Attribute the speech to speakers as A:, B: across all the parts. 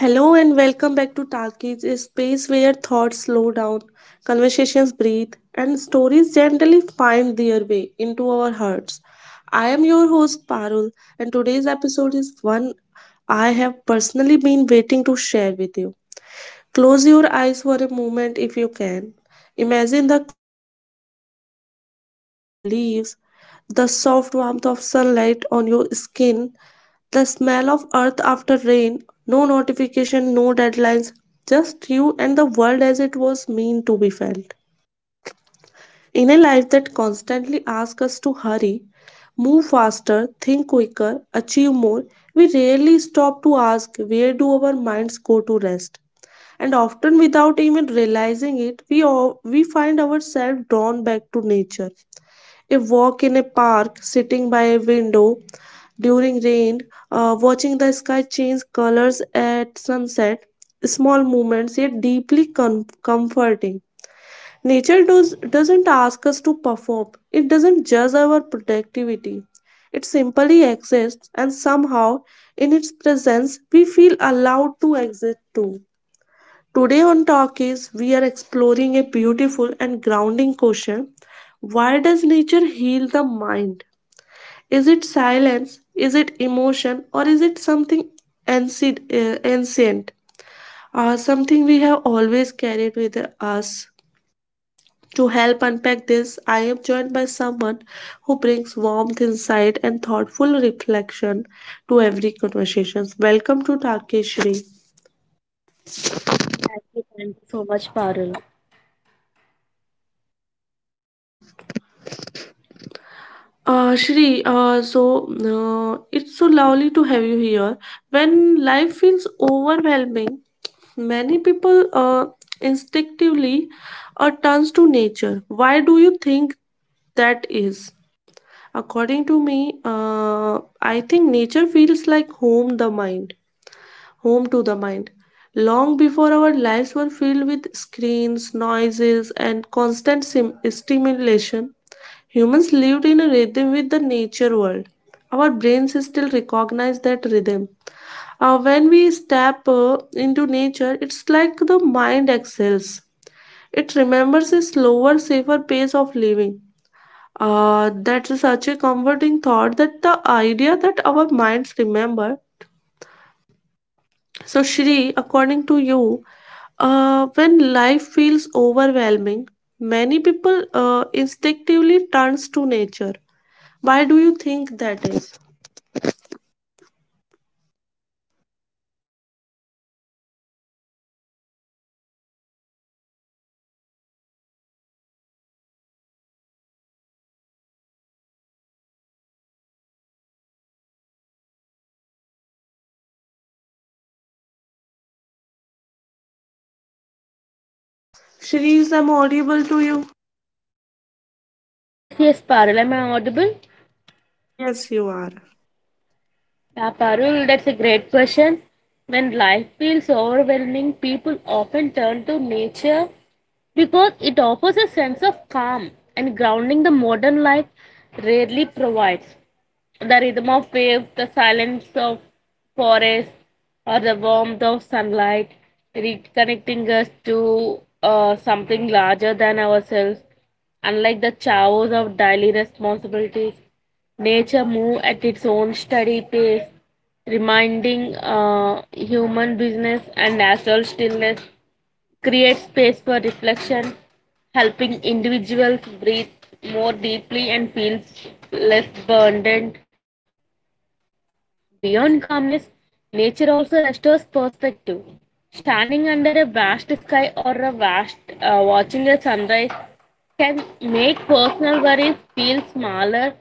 A: Hello and welcome back to Talkies, a space where thoughts slow down, conversations breathe, and stories gently find their way into our hearts. I am your host Parul, and today's episode is one I have personally been waiting to share with you. Close your eyes for a moment if you can. Imagine the quiet results of leaves, the soft warmth of sunlight on your skin, the smell of earth after rain, no notification, no deadlines, just you and the world as it was meant to be felt. In a life that constantly asks us to hurry, move faster, think quicker, achieve more, we rarely stop to ask, where do our minds go to rest? And often without even realizing it, we find ourselves drawn back to nature. A walk in a park, sitting by a window during rain, watching the sky change colors at sunset, small moments yet deeply comforting. Doesn't ask us to perform, it doesn't judge our productivity. It simply exists, and somehow, in its presence, we feel allowed to exist too. Today on Talkies, we are exploring a beautiful and grounding question. Why does nature heal the mind? Is it silence? Is it emotion? Or is it something ancient, or something we have always carried with us? To help unpack this, I am joined by someone who brings warmth, insight, and thoughtful reflection to every conversation. Welcome to Takeshri.
B: Thank you so much, Parul.
A: Shri, it's so lovely to have you here. When life feels overwhelming, many people instinctively turns to nature. Why do you think that is? According to me, I think nature feels like home to the mind. Long before our lives were filled with screens, noises, and constant stimulation, humans lived in a rhythm with the nature world. Our brains still recognize that rhythm. When we step into nature, it's like the mind excels, it remembers a slower, safer pace of living. That's such a comforting thought, that the idea that our minds remember. So, Shri, according to you, when life feels overwhelming, many people instinctively turns to nature. Why do you think that is? Shri, is I'm audible to you?
B: Yes, yes, Parul. Am I audible?
A: Yes, you are.
B: Yeah, Parul, that's a great question. When life feels overwhelming, people often turn to nature because it offers a sense of calm and grounding the modern life rarely provides. The rhythm of waves, the silence of forests, or the warmth of sunlight, reconnecting us to something larger than ourselves. Unlike the chaos of daily responsibilities, nature moves at its own steady pace, reminding human business and natural stillness create space for reflection, helping individuals breathe more deeply and feel less burdened. Beyond calmness, nature also restores perspective. Standing under a vast sky or a vast watching a sunrise can make personal worries feel smaller,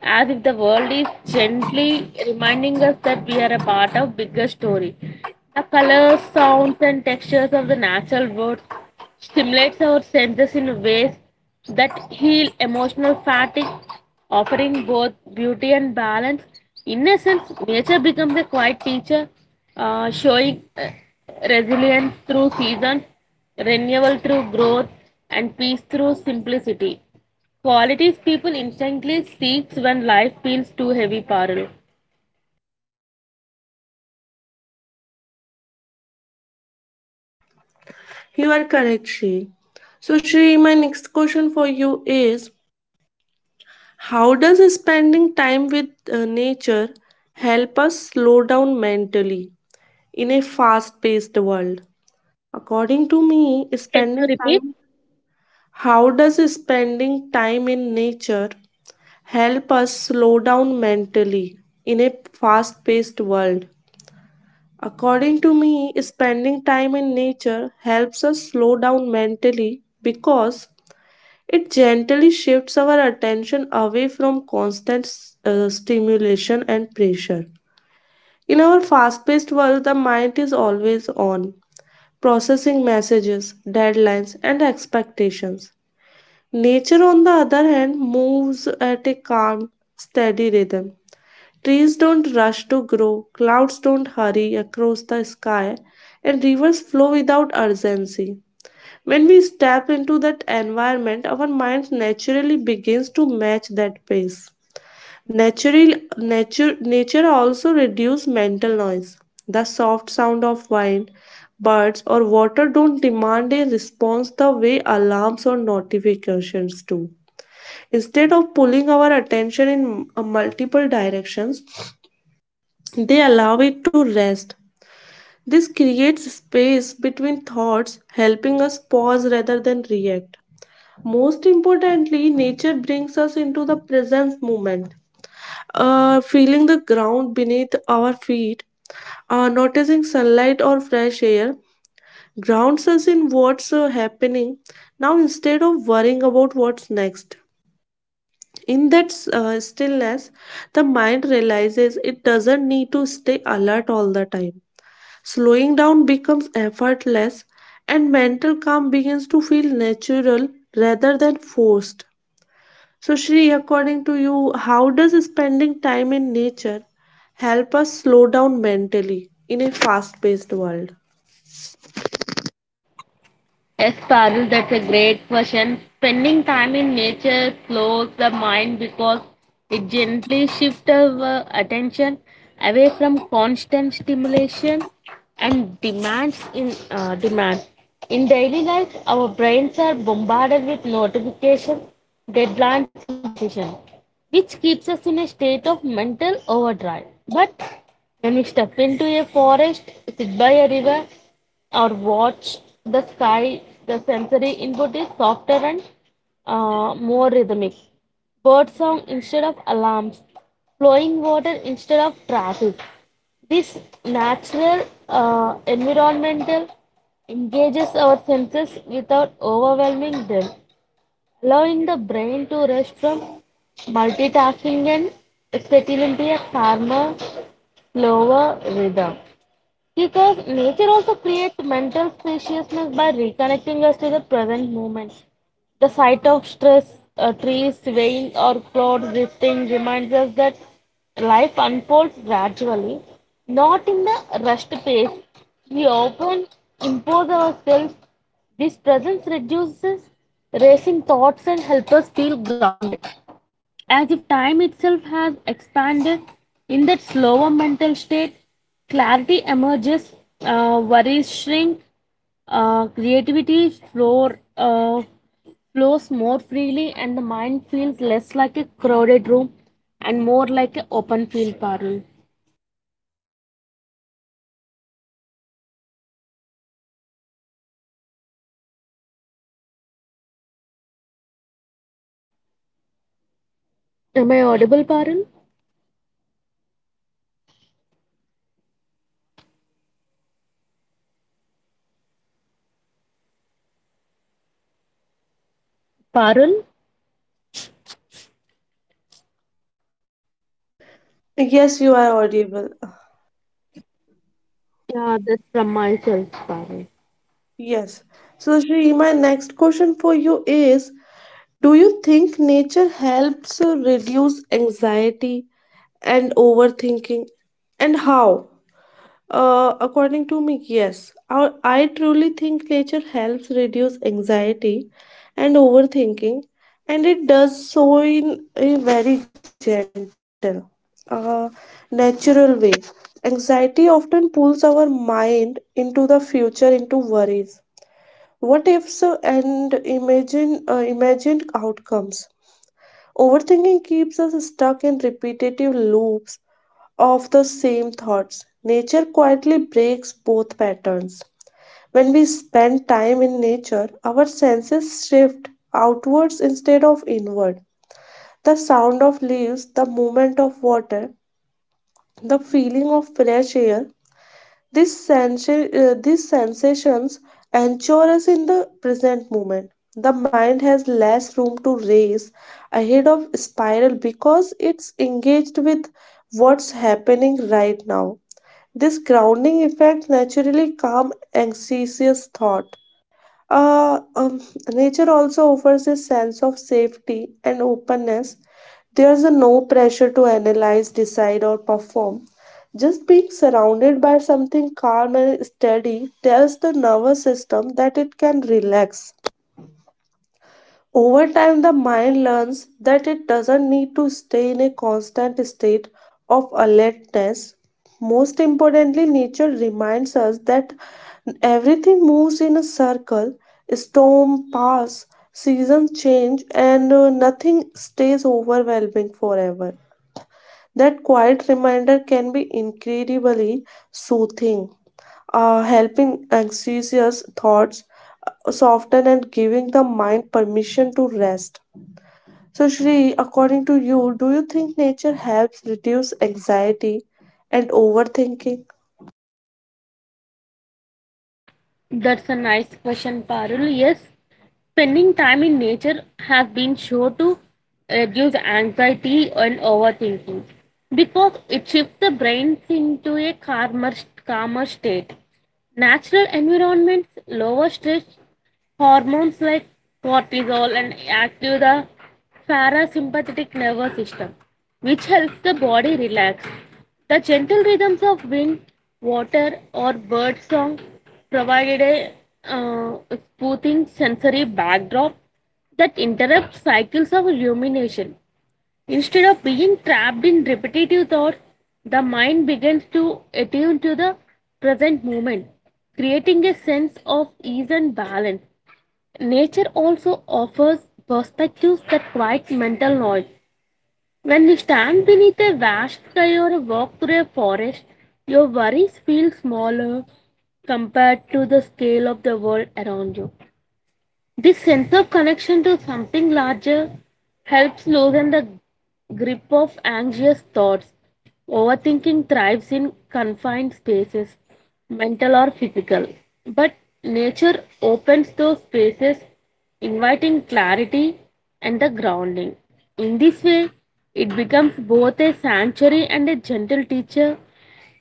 B: as if the world is gently reminding us that we are a part of a bigger story. The colors, sounds and textures of the natural world stimulates our senses in ways that heal emotional fatigue, offering both beauty and balance. In essence, nature becomes a quiet teacher, showing resilience through seasons, renewal through growth, and peace through simplicity. Qualities people instantly seeks when life feels too heavy, Parul.
A: You are correct, Shri. So, Shri, my next question for you is, how does spending time with nature help us slow down mentally in a fast paced world? According to me,
B: Can you
A: spending
B: repeat?
A: time How does spending time in nature help us slow down mentally in a fast paced world? According to me, spending time in nature helps us slow down mentally because it gently shifts our attention away from constant stimulation and pressure. In our fast paced world, the mind is always on, processing messages, deadlines, and expectations. Nature, on the other hand, moves at a calm, steady rhythm. Trees don't rush to grow, clouds don't hurry across the sky, and rivers flow without urgency. When we step into that environment, our minds naturally begins to match that pace. Nature also reduce mental noise. The soft sound of wind, birds, or water don't demand a response the way alarms or notifications do. Instead of pulling our attention in multiple directions, they allow it to rest. This creates space between thoughts, helping us pause rather than react. Most importantly, nature brings us into the present moment. Feeling the ground beneath our feet, noticing sunlight or fresh air grounds us in what's happening now instead of worrying about what's next. In that stillness, the mind realizes it doesn't need to stay alert all the time. Slowing down becomes effortless, and mental calm begins to feel natural rather than forced. So, Shri, according to you, how does spending time in nature help us slow down mentally in a fast paced world?
B: Yes, Parul, that's a great question. Spending time in nature slows the mind because it gently shifts our attention away from constant stimulation and demand. In daily life, our brains are bombarded with notifications, deadlines, and decisions, which keeps us in a state of mental overdrive. But when we step into a forest, sit by a river, or watch the sky, the sensory input is softer and more rhythmic. Bird song instead of alarms, flowing water instead of traffic. This natural environmental engages our senses without overwhelming them, allowing the brain to rest from multitasking and settle into a calmer, slower rhythm. Because nature also creates mental spaciousness by reconnecting us to the present moment. The sight of stress, trees swaying or clouds drifting reminds us that life unfolds gradually, not in the rushed pace. We often impose ourselves. This presence reduces racing thoughts and helps us feel grounded, as if time itself has expanded. In that slower mental state clarity emerges, worries shrink, uh, creativity floor, uh, flows more freely and the mind feels less like a crowded room and more like an open field, Parul. Am I audible, Parul? Parul?
A: Yes, you are audible.
B: Yeah, that's from myself, Parul.
A: Yes. So, Shri, my next question for you is, do you think nature helps reduce anxiety and overthinking? And how? According to me, yes. I truly think nature helps reduce anxiety and overthinking, and it does so in a very gentle, uh, natural way. Anxiety often pulls our mind into the future, into worries, what ifs, and imagined outcomes. Overthinking keeps us stuck in repetitive loops of the same thoughts. Nature quietly breaks both patterns. When we spend time in nature, our senses shift outwards instead of inward. The sound of leaves, the movement of water, the feeling of fresh air, these sensations anchor us in the present moment. The mind has less room to race ahead of spiral because it's engaged with what's happening right now. This grounding effect naturally calms anxious thought. Uh, um, Nature also offers a sense of safety and openness. There's a no pressure to analyze, decide, or perform. Just being surrounded by something calm and steady tells the nervous system that it can relax. Over time, the mind learns that it doesn't need to stay in a constant state of alertness. Most importantly, nature reminds us that everything moves in a circle. Storm pass, seasons change, and nothing stays overwhelming forever. That quiet reminder can be incredibly soothing, helping anxious thoughts soften and giving the mind permission to rest. So, Shri, according to you, do you think nature helps reduce anxiety and overthinking?
B: That's a nice question, Parul. Yes, spending time in nature has been shown to reduce anxiety and overthinking because it shifts the brains into a calmer state. Natural environments lower stress hormones like cortisol and active the parasympathetic nervous system, which helps the body relax. The gentle rhythms of wind, water, or bird song provided a uh, soothing sensory backdrop that interrupts cycles of rumination. Instead of being trapped in repetitive thoughts, the mind begins to attune to the present moment, creating a sense of ease and balance. Nature also offers perspectives that quiet mental noise. When you stand beneath a vast sky or walk through a forest, your worries feel smaller compared to the scale of the world around you. This sense of connection to something larger helps loosen the grip of anxious thoughts. Overthinking thrives in confined spaces, mental or physical. But nature opens those spaces, inviting clarity and the grounding. In this way, it becomes both a sanctuary and a gentle teacher,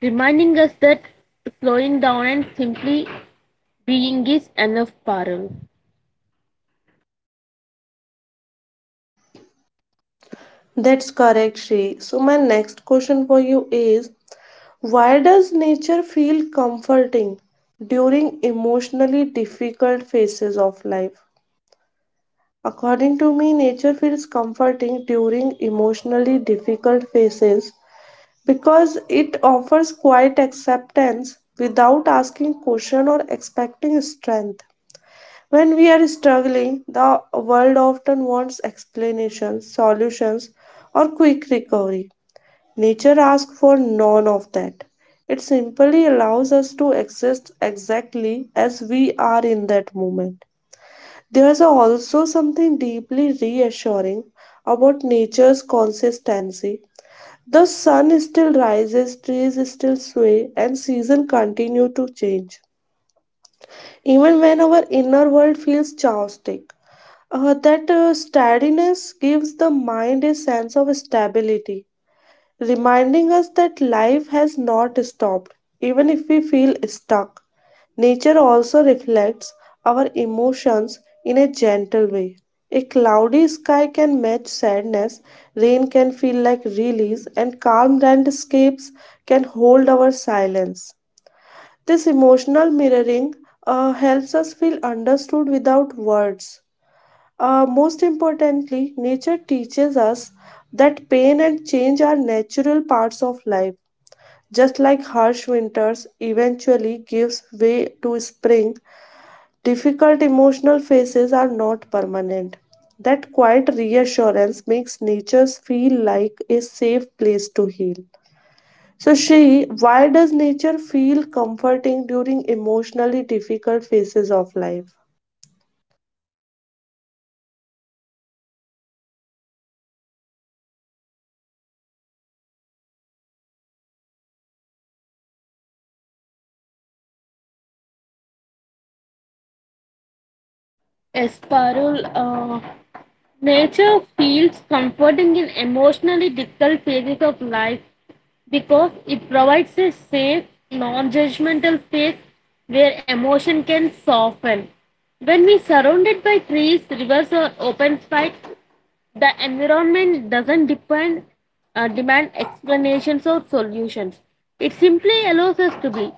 B: reminding us that slowing down and simply being is enough, Parul.
A: That's correct, Shri. So, my next question for you is, why does nature feel comforting during emotionally difficult phases of life? According to me, nature feels comforting during emotionally difficult phases because it offers quiet acceptance without asking question or expecting strength. When we are struggling, the world often wants explanations, solutions, or quick recovery. Nature asks for none of that. It simply allows us to exist exactly as we are in that moment. There's also something deeply reassuring about nature's consistency. The sun still rises, trees still sway, and seasons continue to change. Even when our inner world feels chaotic, that steadiness gives the mind a sense of stability, reminding us that life has not stopped, even if we feel stuck. Nature also reflects our emotions in a gentle way. A cloudy sky can match sadness, rain can feel like release, and calm landscapes can hold our silence. This emotional mirroring helps us feel understood without words. Most importantly, nature teaches us that pain and change are natural parts of life. Just like harsh winters eventually gives way to spring, difficult emotional phases are not permanent. That quiet reassurance makes nature feel like a safe place to heal. So, Shri, why does nature feel comforting during emotionally difficult phases of life?
B: Esparol, nature feels comforting in emotionally difficult phases of life because it provides a safe, non judgmental space where emotion can soften. When we surrounded by trees, rivers, or open space, the environment doesn't depend, demand explanations or solutions. It simply allows us to be.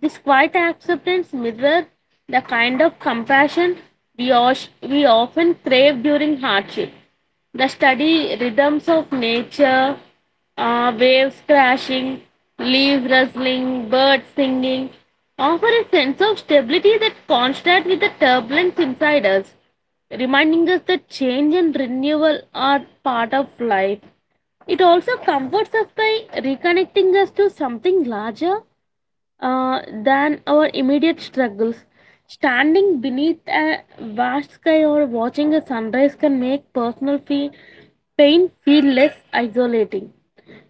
B: This quiet acceptance mirrors the kind of compassion we, we often crave during hardship. The study rhythms of nature, waves crashing, leaves rustling, birds singing, offer a sense of stability that contrasts with the turbulence inside us, reminding us that change and renewal are part of life. It also comforts us by reconnecting us to something larger than our immediate struggles. Standing beneath a vast sky or watching a sunrise can make pain feel less isolating,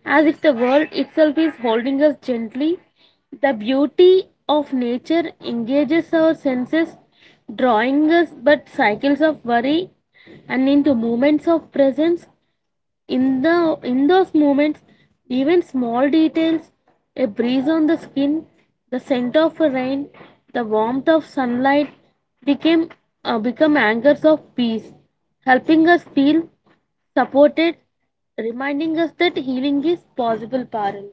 B: as if the world itself is holding us gently. The beauty of nature engages our senses, drawing us but cycles of worry and into moments of presence in the in those moments, even small details, a breeze on the skin, the scent of rain, the warmth of sunlight became become anchors of peace, helping us feel supported, reminding us that healing is possible, Parul.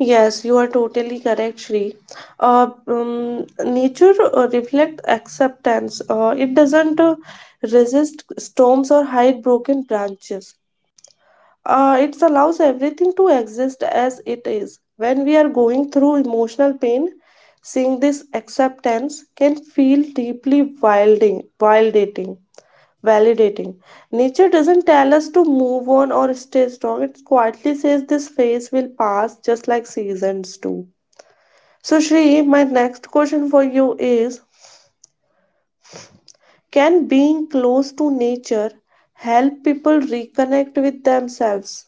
A: Yes, you are totally correct, Shri. Nature reflect acceptance. It doesn't resist storms or hide broken branches. It allows everything to exist as it is. When we are going through emotional pain, seeing this acceptance can feel deeply validating. Nature doesn't tell us to move on or stay strong. It quietly says this phase will pass, just like seasons do. So, Shri, my next question for you is, can being close to nature help people reconnect with themselves?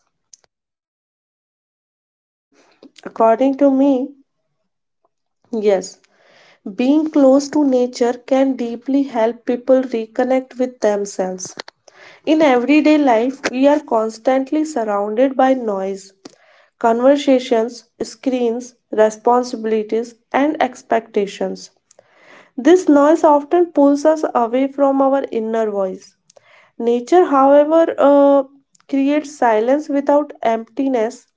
A: According to me, yes. Being close to nature can deeply help people reconnect with themselves. In everyday life, we are constantly surrounded by noise, conversations, screens, responsibilities, and expectations. This noise often pulls us away from our inner voice. Nature, however, creates silence without emptiness.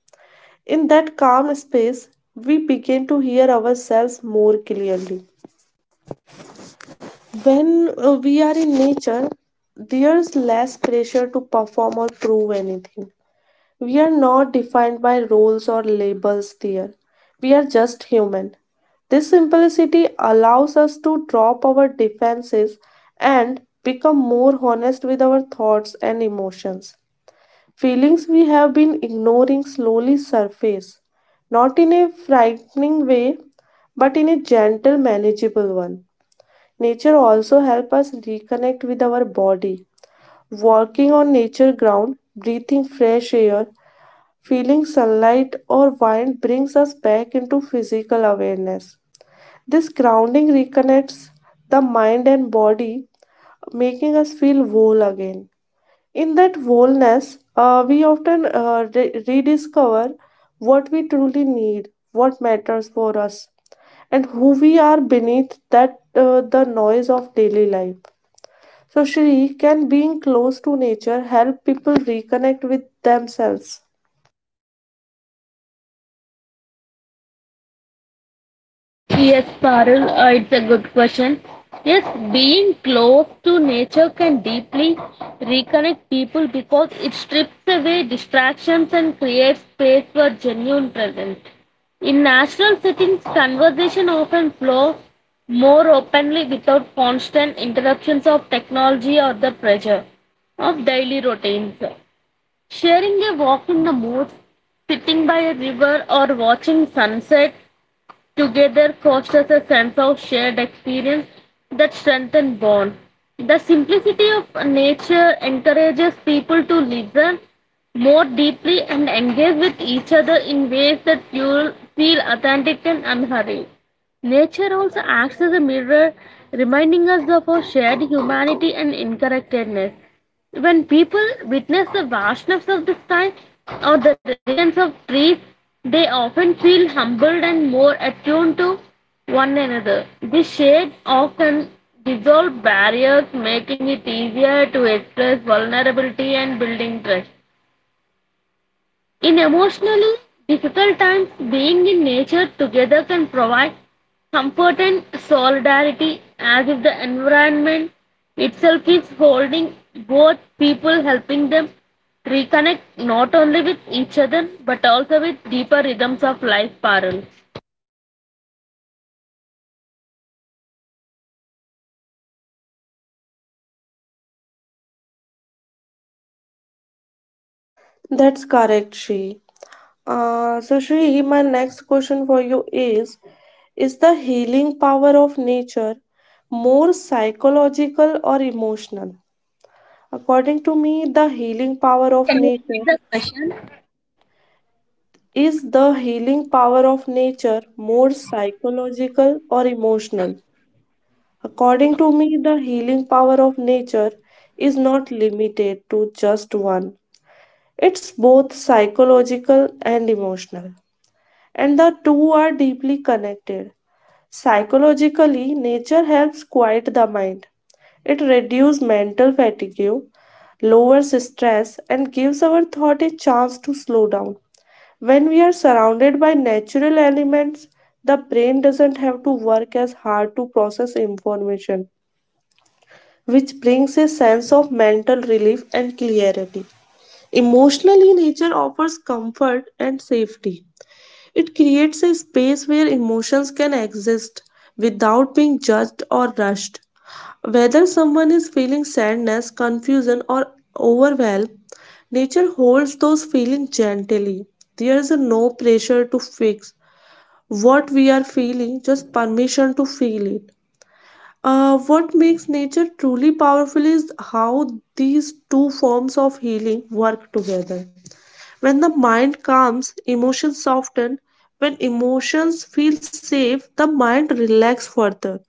A: In that calm space, we begin to hear ourselves more clearly. When we are in nature, there's less pressure to perform or prove anything. We are not defined by roles or labels there. We are just human. This simplicity allows us to drop our defenses and become more honest with our thoughts and emotions. Feelings we have been ignoring slowly surface, not in a frightening way, but in a gentle, manageable one. Nature also helps us reconnect with our body. Walking on nature ground, breathing fresh air, feeling sunlight or wind brings us back into physical awareness. This grounding reconnects the mind and body, making us feel whole again. In that wholeness, we often rediscover what we truly need, what matters for us, and who we are beneath that the noise of daily life. So, Shri, can being close to nature help people reconnect with themselves?
B: Yes, Parul, it's a good question. Yes, being close to nature can deeply reconnect people because it strips away distractions and creates space for genuine presence. In national settings, conversation often flows more openly without constant interruptions of technology or the pressure of daily routines. Sharing a walk in the woods, sitting by a river, or watching sunset together fosters a sense of shared experience that strengthens bond. The simplicity of nature encourages people to listen more deeply and engage with each other in ways that feel authentic and unhurried. Nature also acts as a mirror, reminding us of our shared humanity and interconnectedness. When people witness the vastness of the sky or the resilience of trees, they often feel humbled and more attuned to one another. This shade often dissolves barriers, making it easier to express vulnerability and building trust. In emotionally difficult times, being in nature together can provide comfort and solidarity, as if the environment itself is holding both people, helping them reconnect not only with each other but also with deeper rhythms of life, Parul.
A: That's correct, Shri. So, Shri, my next question for you is the healing power of nature more psychological or emotional? According to me, the healing power
B: Sorry,
A: of
B: can you
A: nature
B: repeat?
A: Is the healing power of nature more psychological or emotional? According to me, the healing power of nature is not limited to just one. It's both psychological and emotional, and the two are deeply connected. Psychologically, nature helps quiet the mind. It reduces mental fatigue, lowers stress, and gives our thought a chance to slow down. When we are surrounded by natural elements, the brain doesn't have to work as hard to process information, which brings a sense of mental relief and clarity. Emotionally, nature offers comfort and safety. It creates a space where emotions can exist without being judged or rushed. Whether someone is feeling sadness, confusion, or overwhelm, nature holds those feelings gently. There is no pressure to fix what we are feeling, just permission to feel it. What makes nature truly powerful is how these two forms of healing work together. When the mind calms, emotions soften. When emotions feel safe, the mind relax further.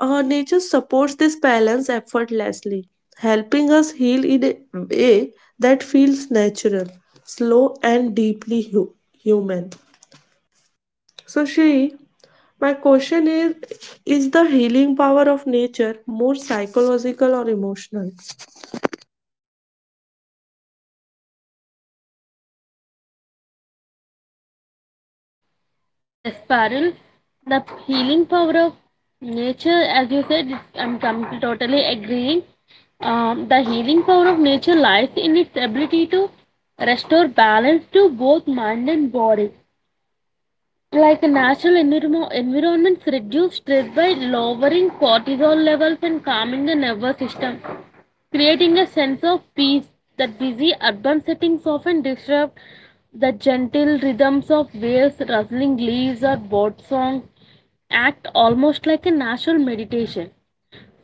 A: Nature supports this balance effortlessly, helping us heal in a way that feels natural, slow, and deeply human. So, Shri, my question is the healing power of nature more psychological or emotional?
B: Yes, Parul, the healing power of nature, as you said, I'm totally agreeing. The healing power of nature lies in its ability to restore balance to both mind and body. Like natural environments reduce stress by lowering cortisol levels and calming the nervous system, creating a sense of peace that busy urban settings often disrupt. The gentle rhythms of waves, rustling leaves, or bird song act almost like a natural meditation.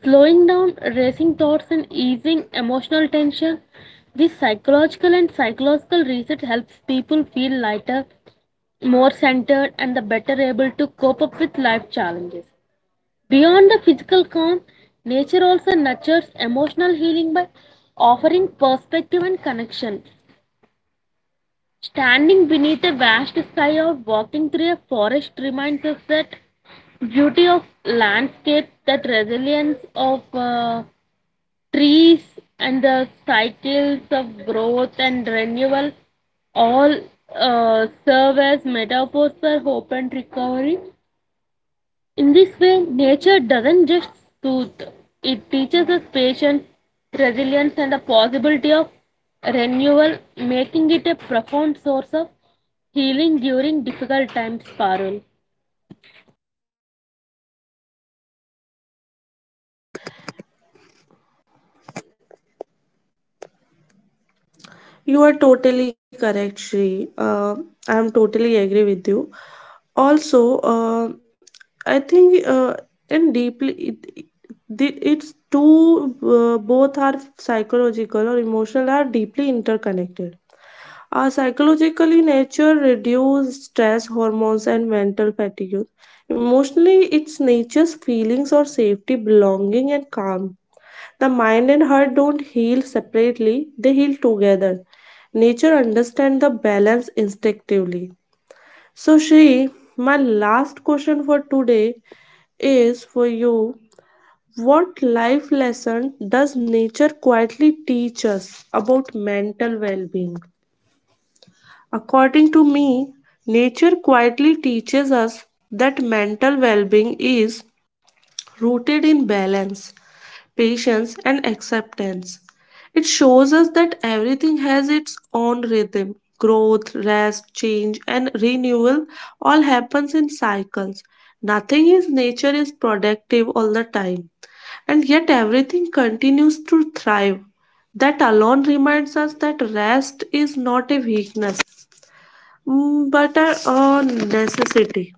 B: Slowing down racing thoughts and easing emotional tension, this psychological and psychological research helps people feel lighter, more centered, and the better able to cope up with life challenges. Beyond the physical calm, nature also nurtures emotional healing by offering perspective and connection. Standing beneath a vast sky or walking through a forest reminds us that beauty of landscape, that resilience of trees, and the cycles of growth and renewal all serve as metaphors for hope and recovery. In this way, nature doesn't just soothe, it teaches us patience, resilience, and the possibility of renewal, making it a profound source of healing during difficult times, Parul.
A: You are totally correct, Shri. I'm totally agree with you. Also, I think and deeply it's two both are psychological or emotional are deeply interconnected. Our psychologically nature reduce stress hormones and mental fatigue. Emotionally, its nature's feelings or safety, belonging, and calm the mind and heart don't heal separately, they heal together. Nature understands the balance instinctively. So, Shri, my last question for today is for you. What life lesson does nature quietly teach us about mental well being? According to me, nature quietly teaches us that mental well being is rooted in balance, patience, and acceptance. It shows us that everything has its own rhythm. Growth, rest, change, and renewal all happens in cycles. Nothing in nature is productive all the time, and yet everything continues to thrive. That alone reminds us that rest is not a weakness, but a necessity.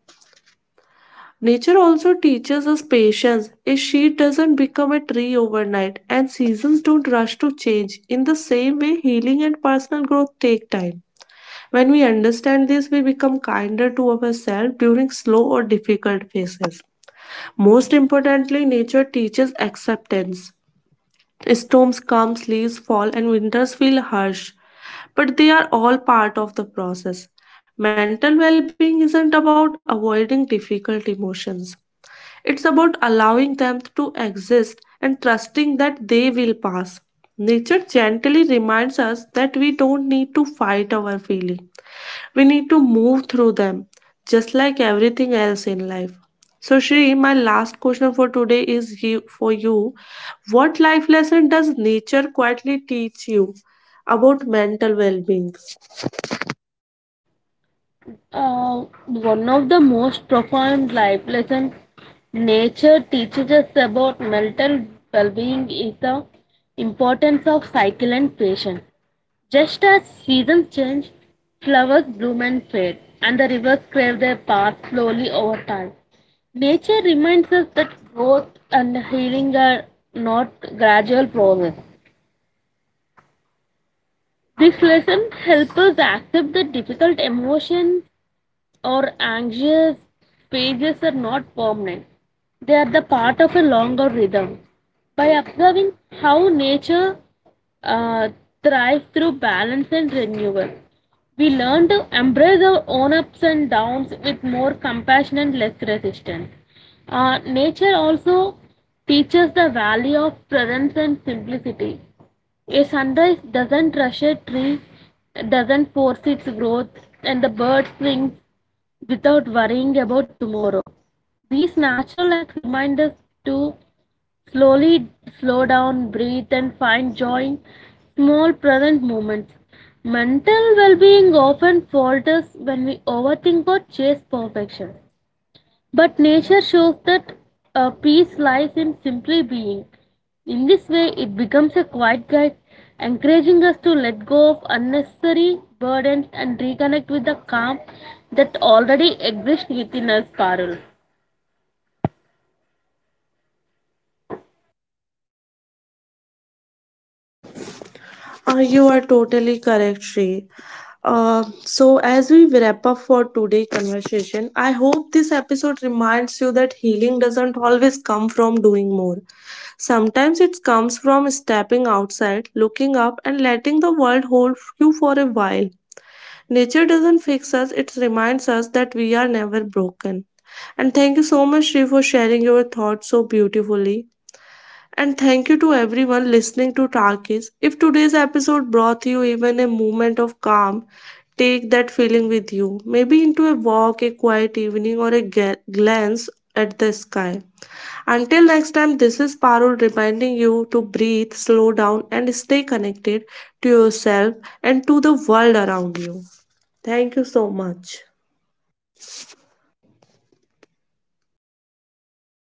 A: Nature also teaches us patience. A sheet doesn't become a tree overnight, and seasons don't rush to change. In the same way, healing and personal growth take time. When we understand this, we become kinder to ourselves during slow or difficult phases. Most importantly, nature teaches acceptance. Storms come, sleets fall, and winters feel harsh, but they are all part of the process. Mental well being isn't about avoiding difficult emotions, it's about allowing them to exist and trusting that they will pass. Nature gently reminds us that we don't need to fight our feelings. We need to move through them, just like everything else in life. So, Shri, my last question for today is for you. What life lesson does nature quietly teach you about mental well being?
B: Uh, One of the most profound life lessons nature teaches us about mental well being is the importance of cycle and patience. Just as seasons change, flowers bloom and fade, and the rivers crave their path slowly over time. Nature reminds us that growth and healing are not gradual process. This lesson helps us accept the difficult emotions or anxious pages are not permanent. They are the part of a longer rhythm. By observing how nature uh, thrives through balance and renewal, we learn to embrace our own ups and downs with more compassion and less resistance. Nature also teaches the value of presence and simplicity. A sunrise doesn't rush a tree, doesn't force its growth, and the bird sings without worrying about tomorrow. These natural acts remind us to slowly slow down, breathe, and find joy in small present moments. Mental well being often falters when we overthink or chase perfection. But nature shows that peace lies in simply being. In this way, it becomes a quiet guide, encouraging us to let go of unnecessary burdens and reconnect with the calm that already exists within us, Parul.
A: You are totally correct, Sri. So, as we wrap up for today's conversation, I hope this episode reminds you that healing doesn't always come from doing more. Sometimes it comes from stepping outside, looking up, and letting the world hold you for a while. Nature doesn't fix us, it reminds us that we are never broken. And thank you so much, Shri, for sharing your thoughts so beautifully. And thank you to everyone listening to Takis. If today's episode brought you even a moment of calm, take that feeling with you, maybe into a walk, a quiet evening, or a glance at the sky. Until next time, this is Parul reminding you to breathe, slow down, and stay connected to yourself and to the world around you. Thank you so much.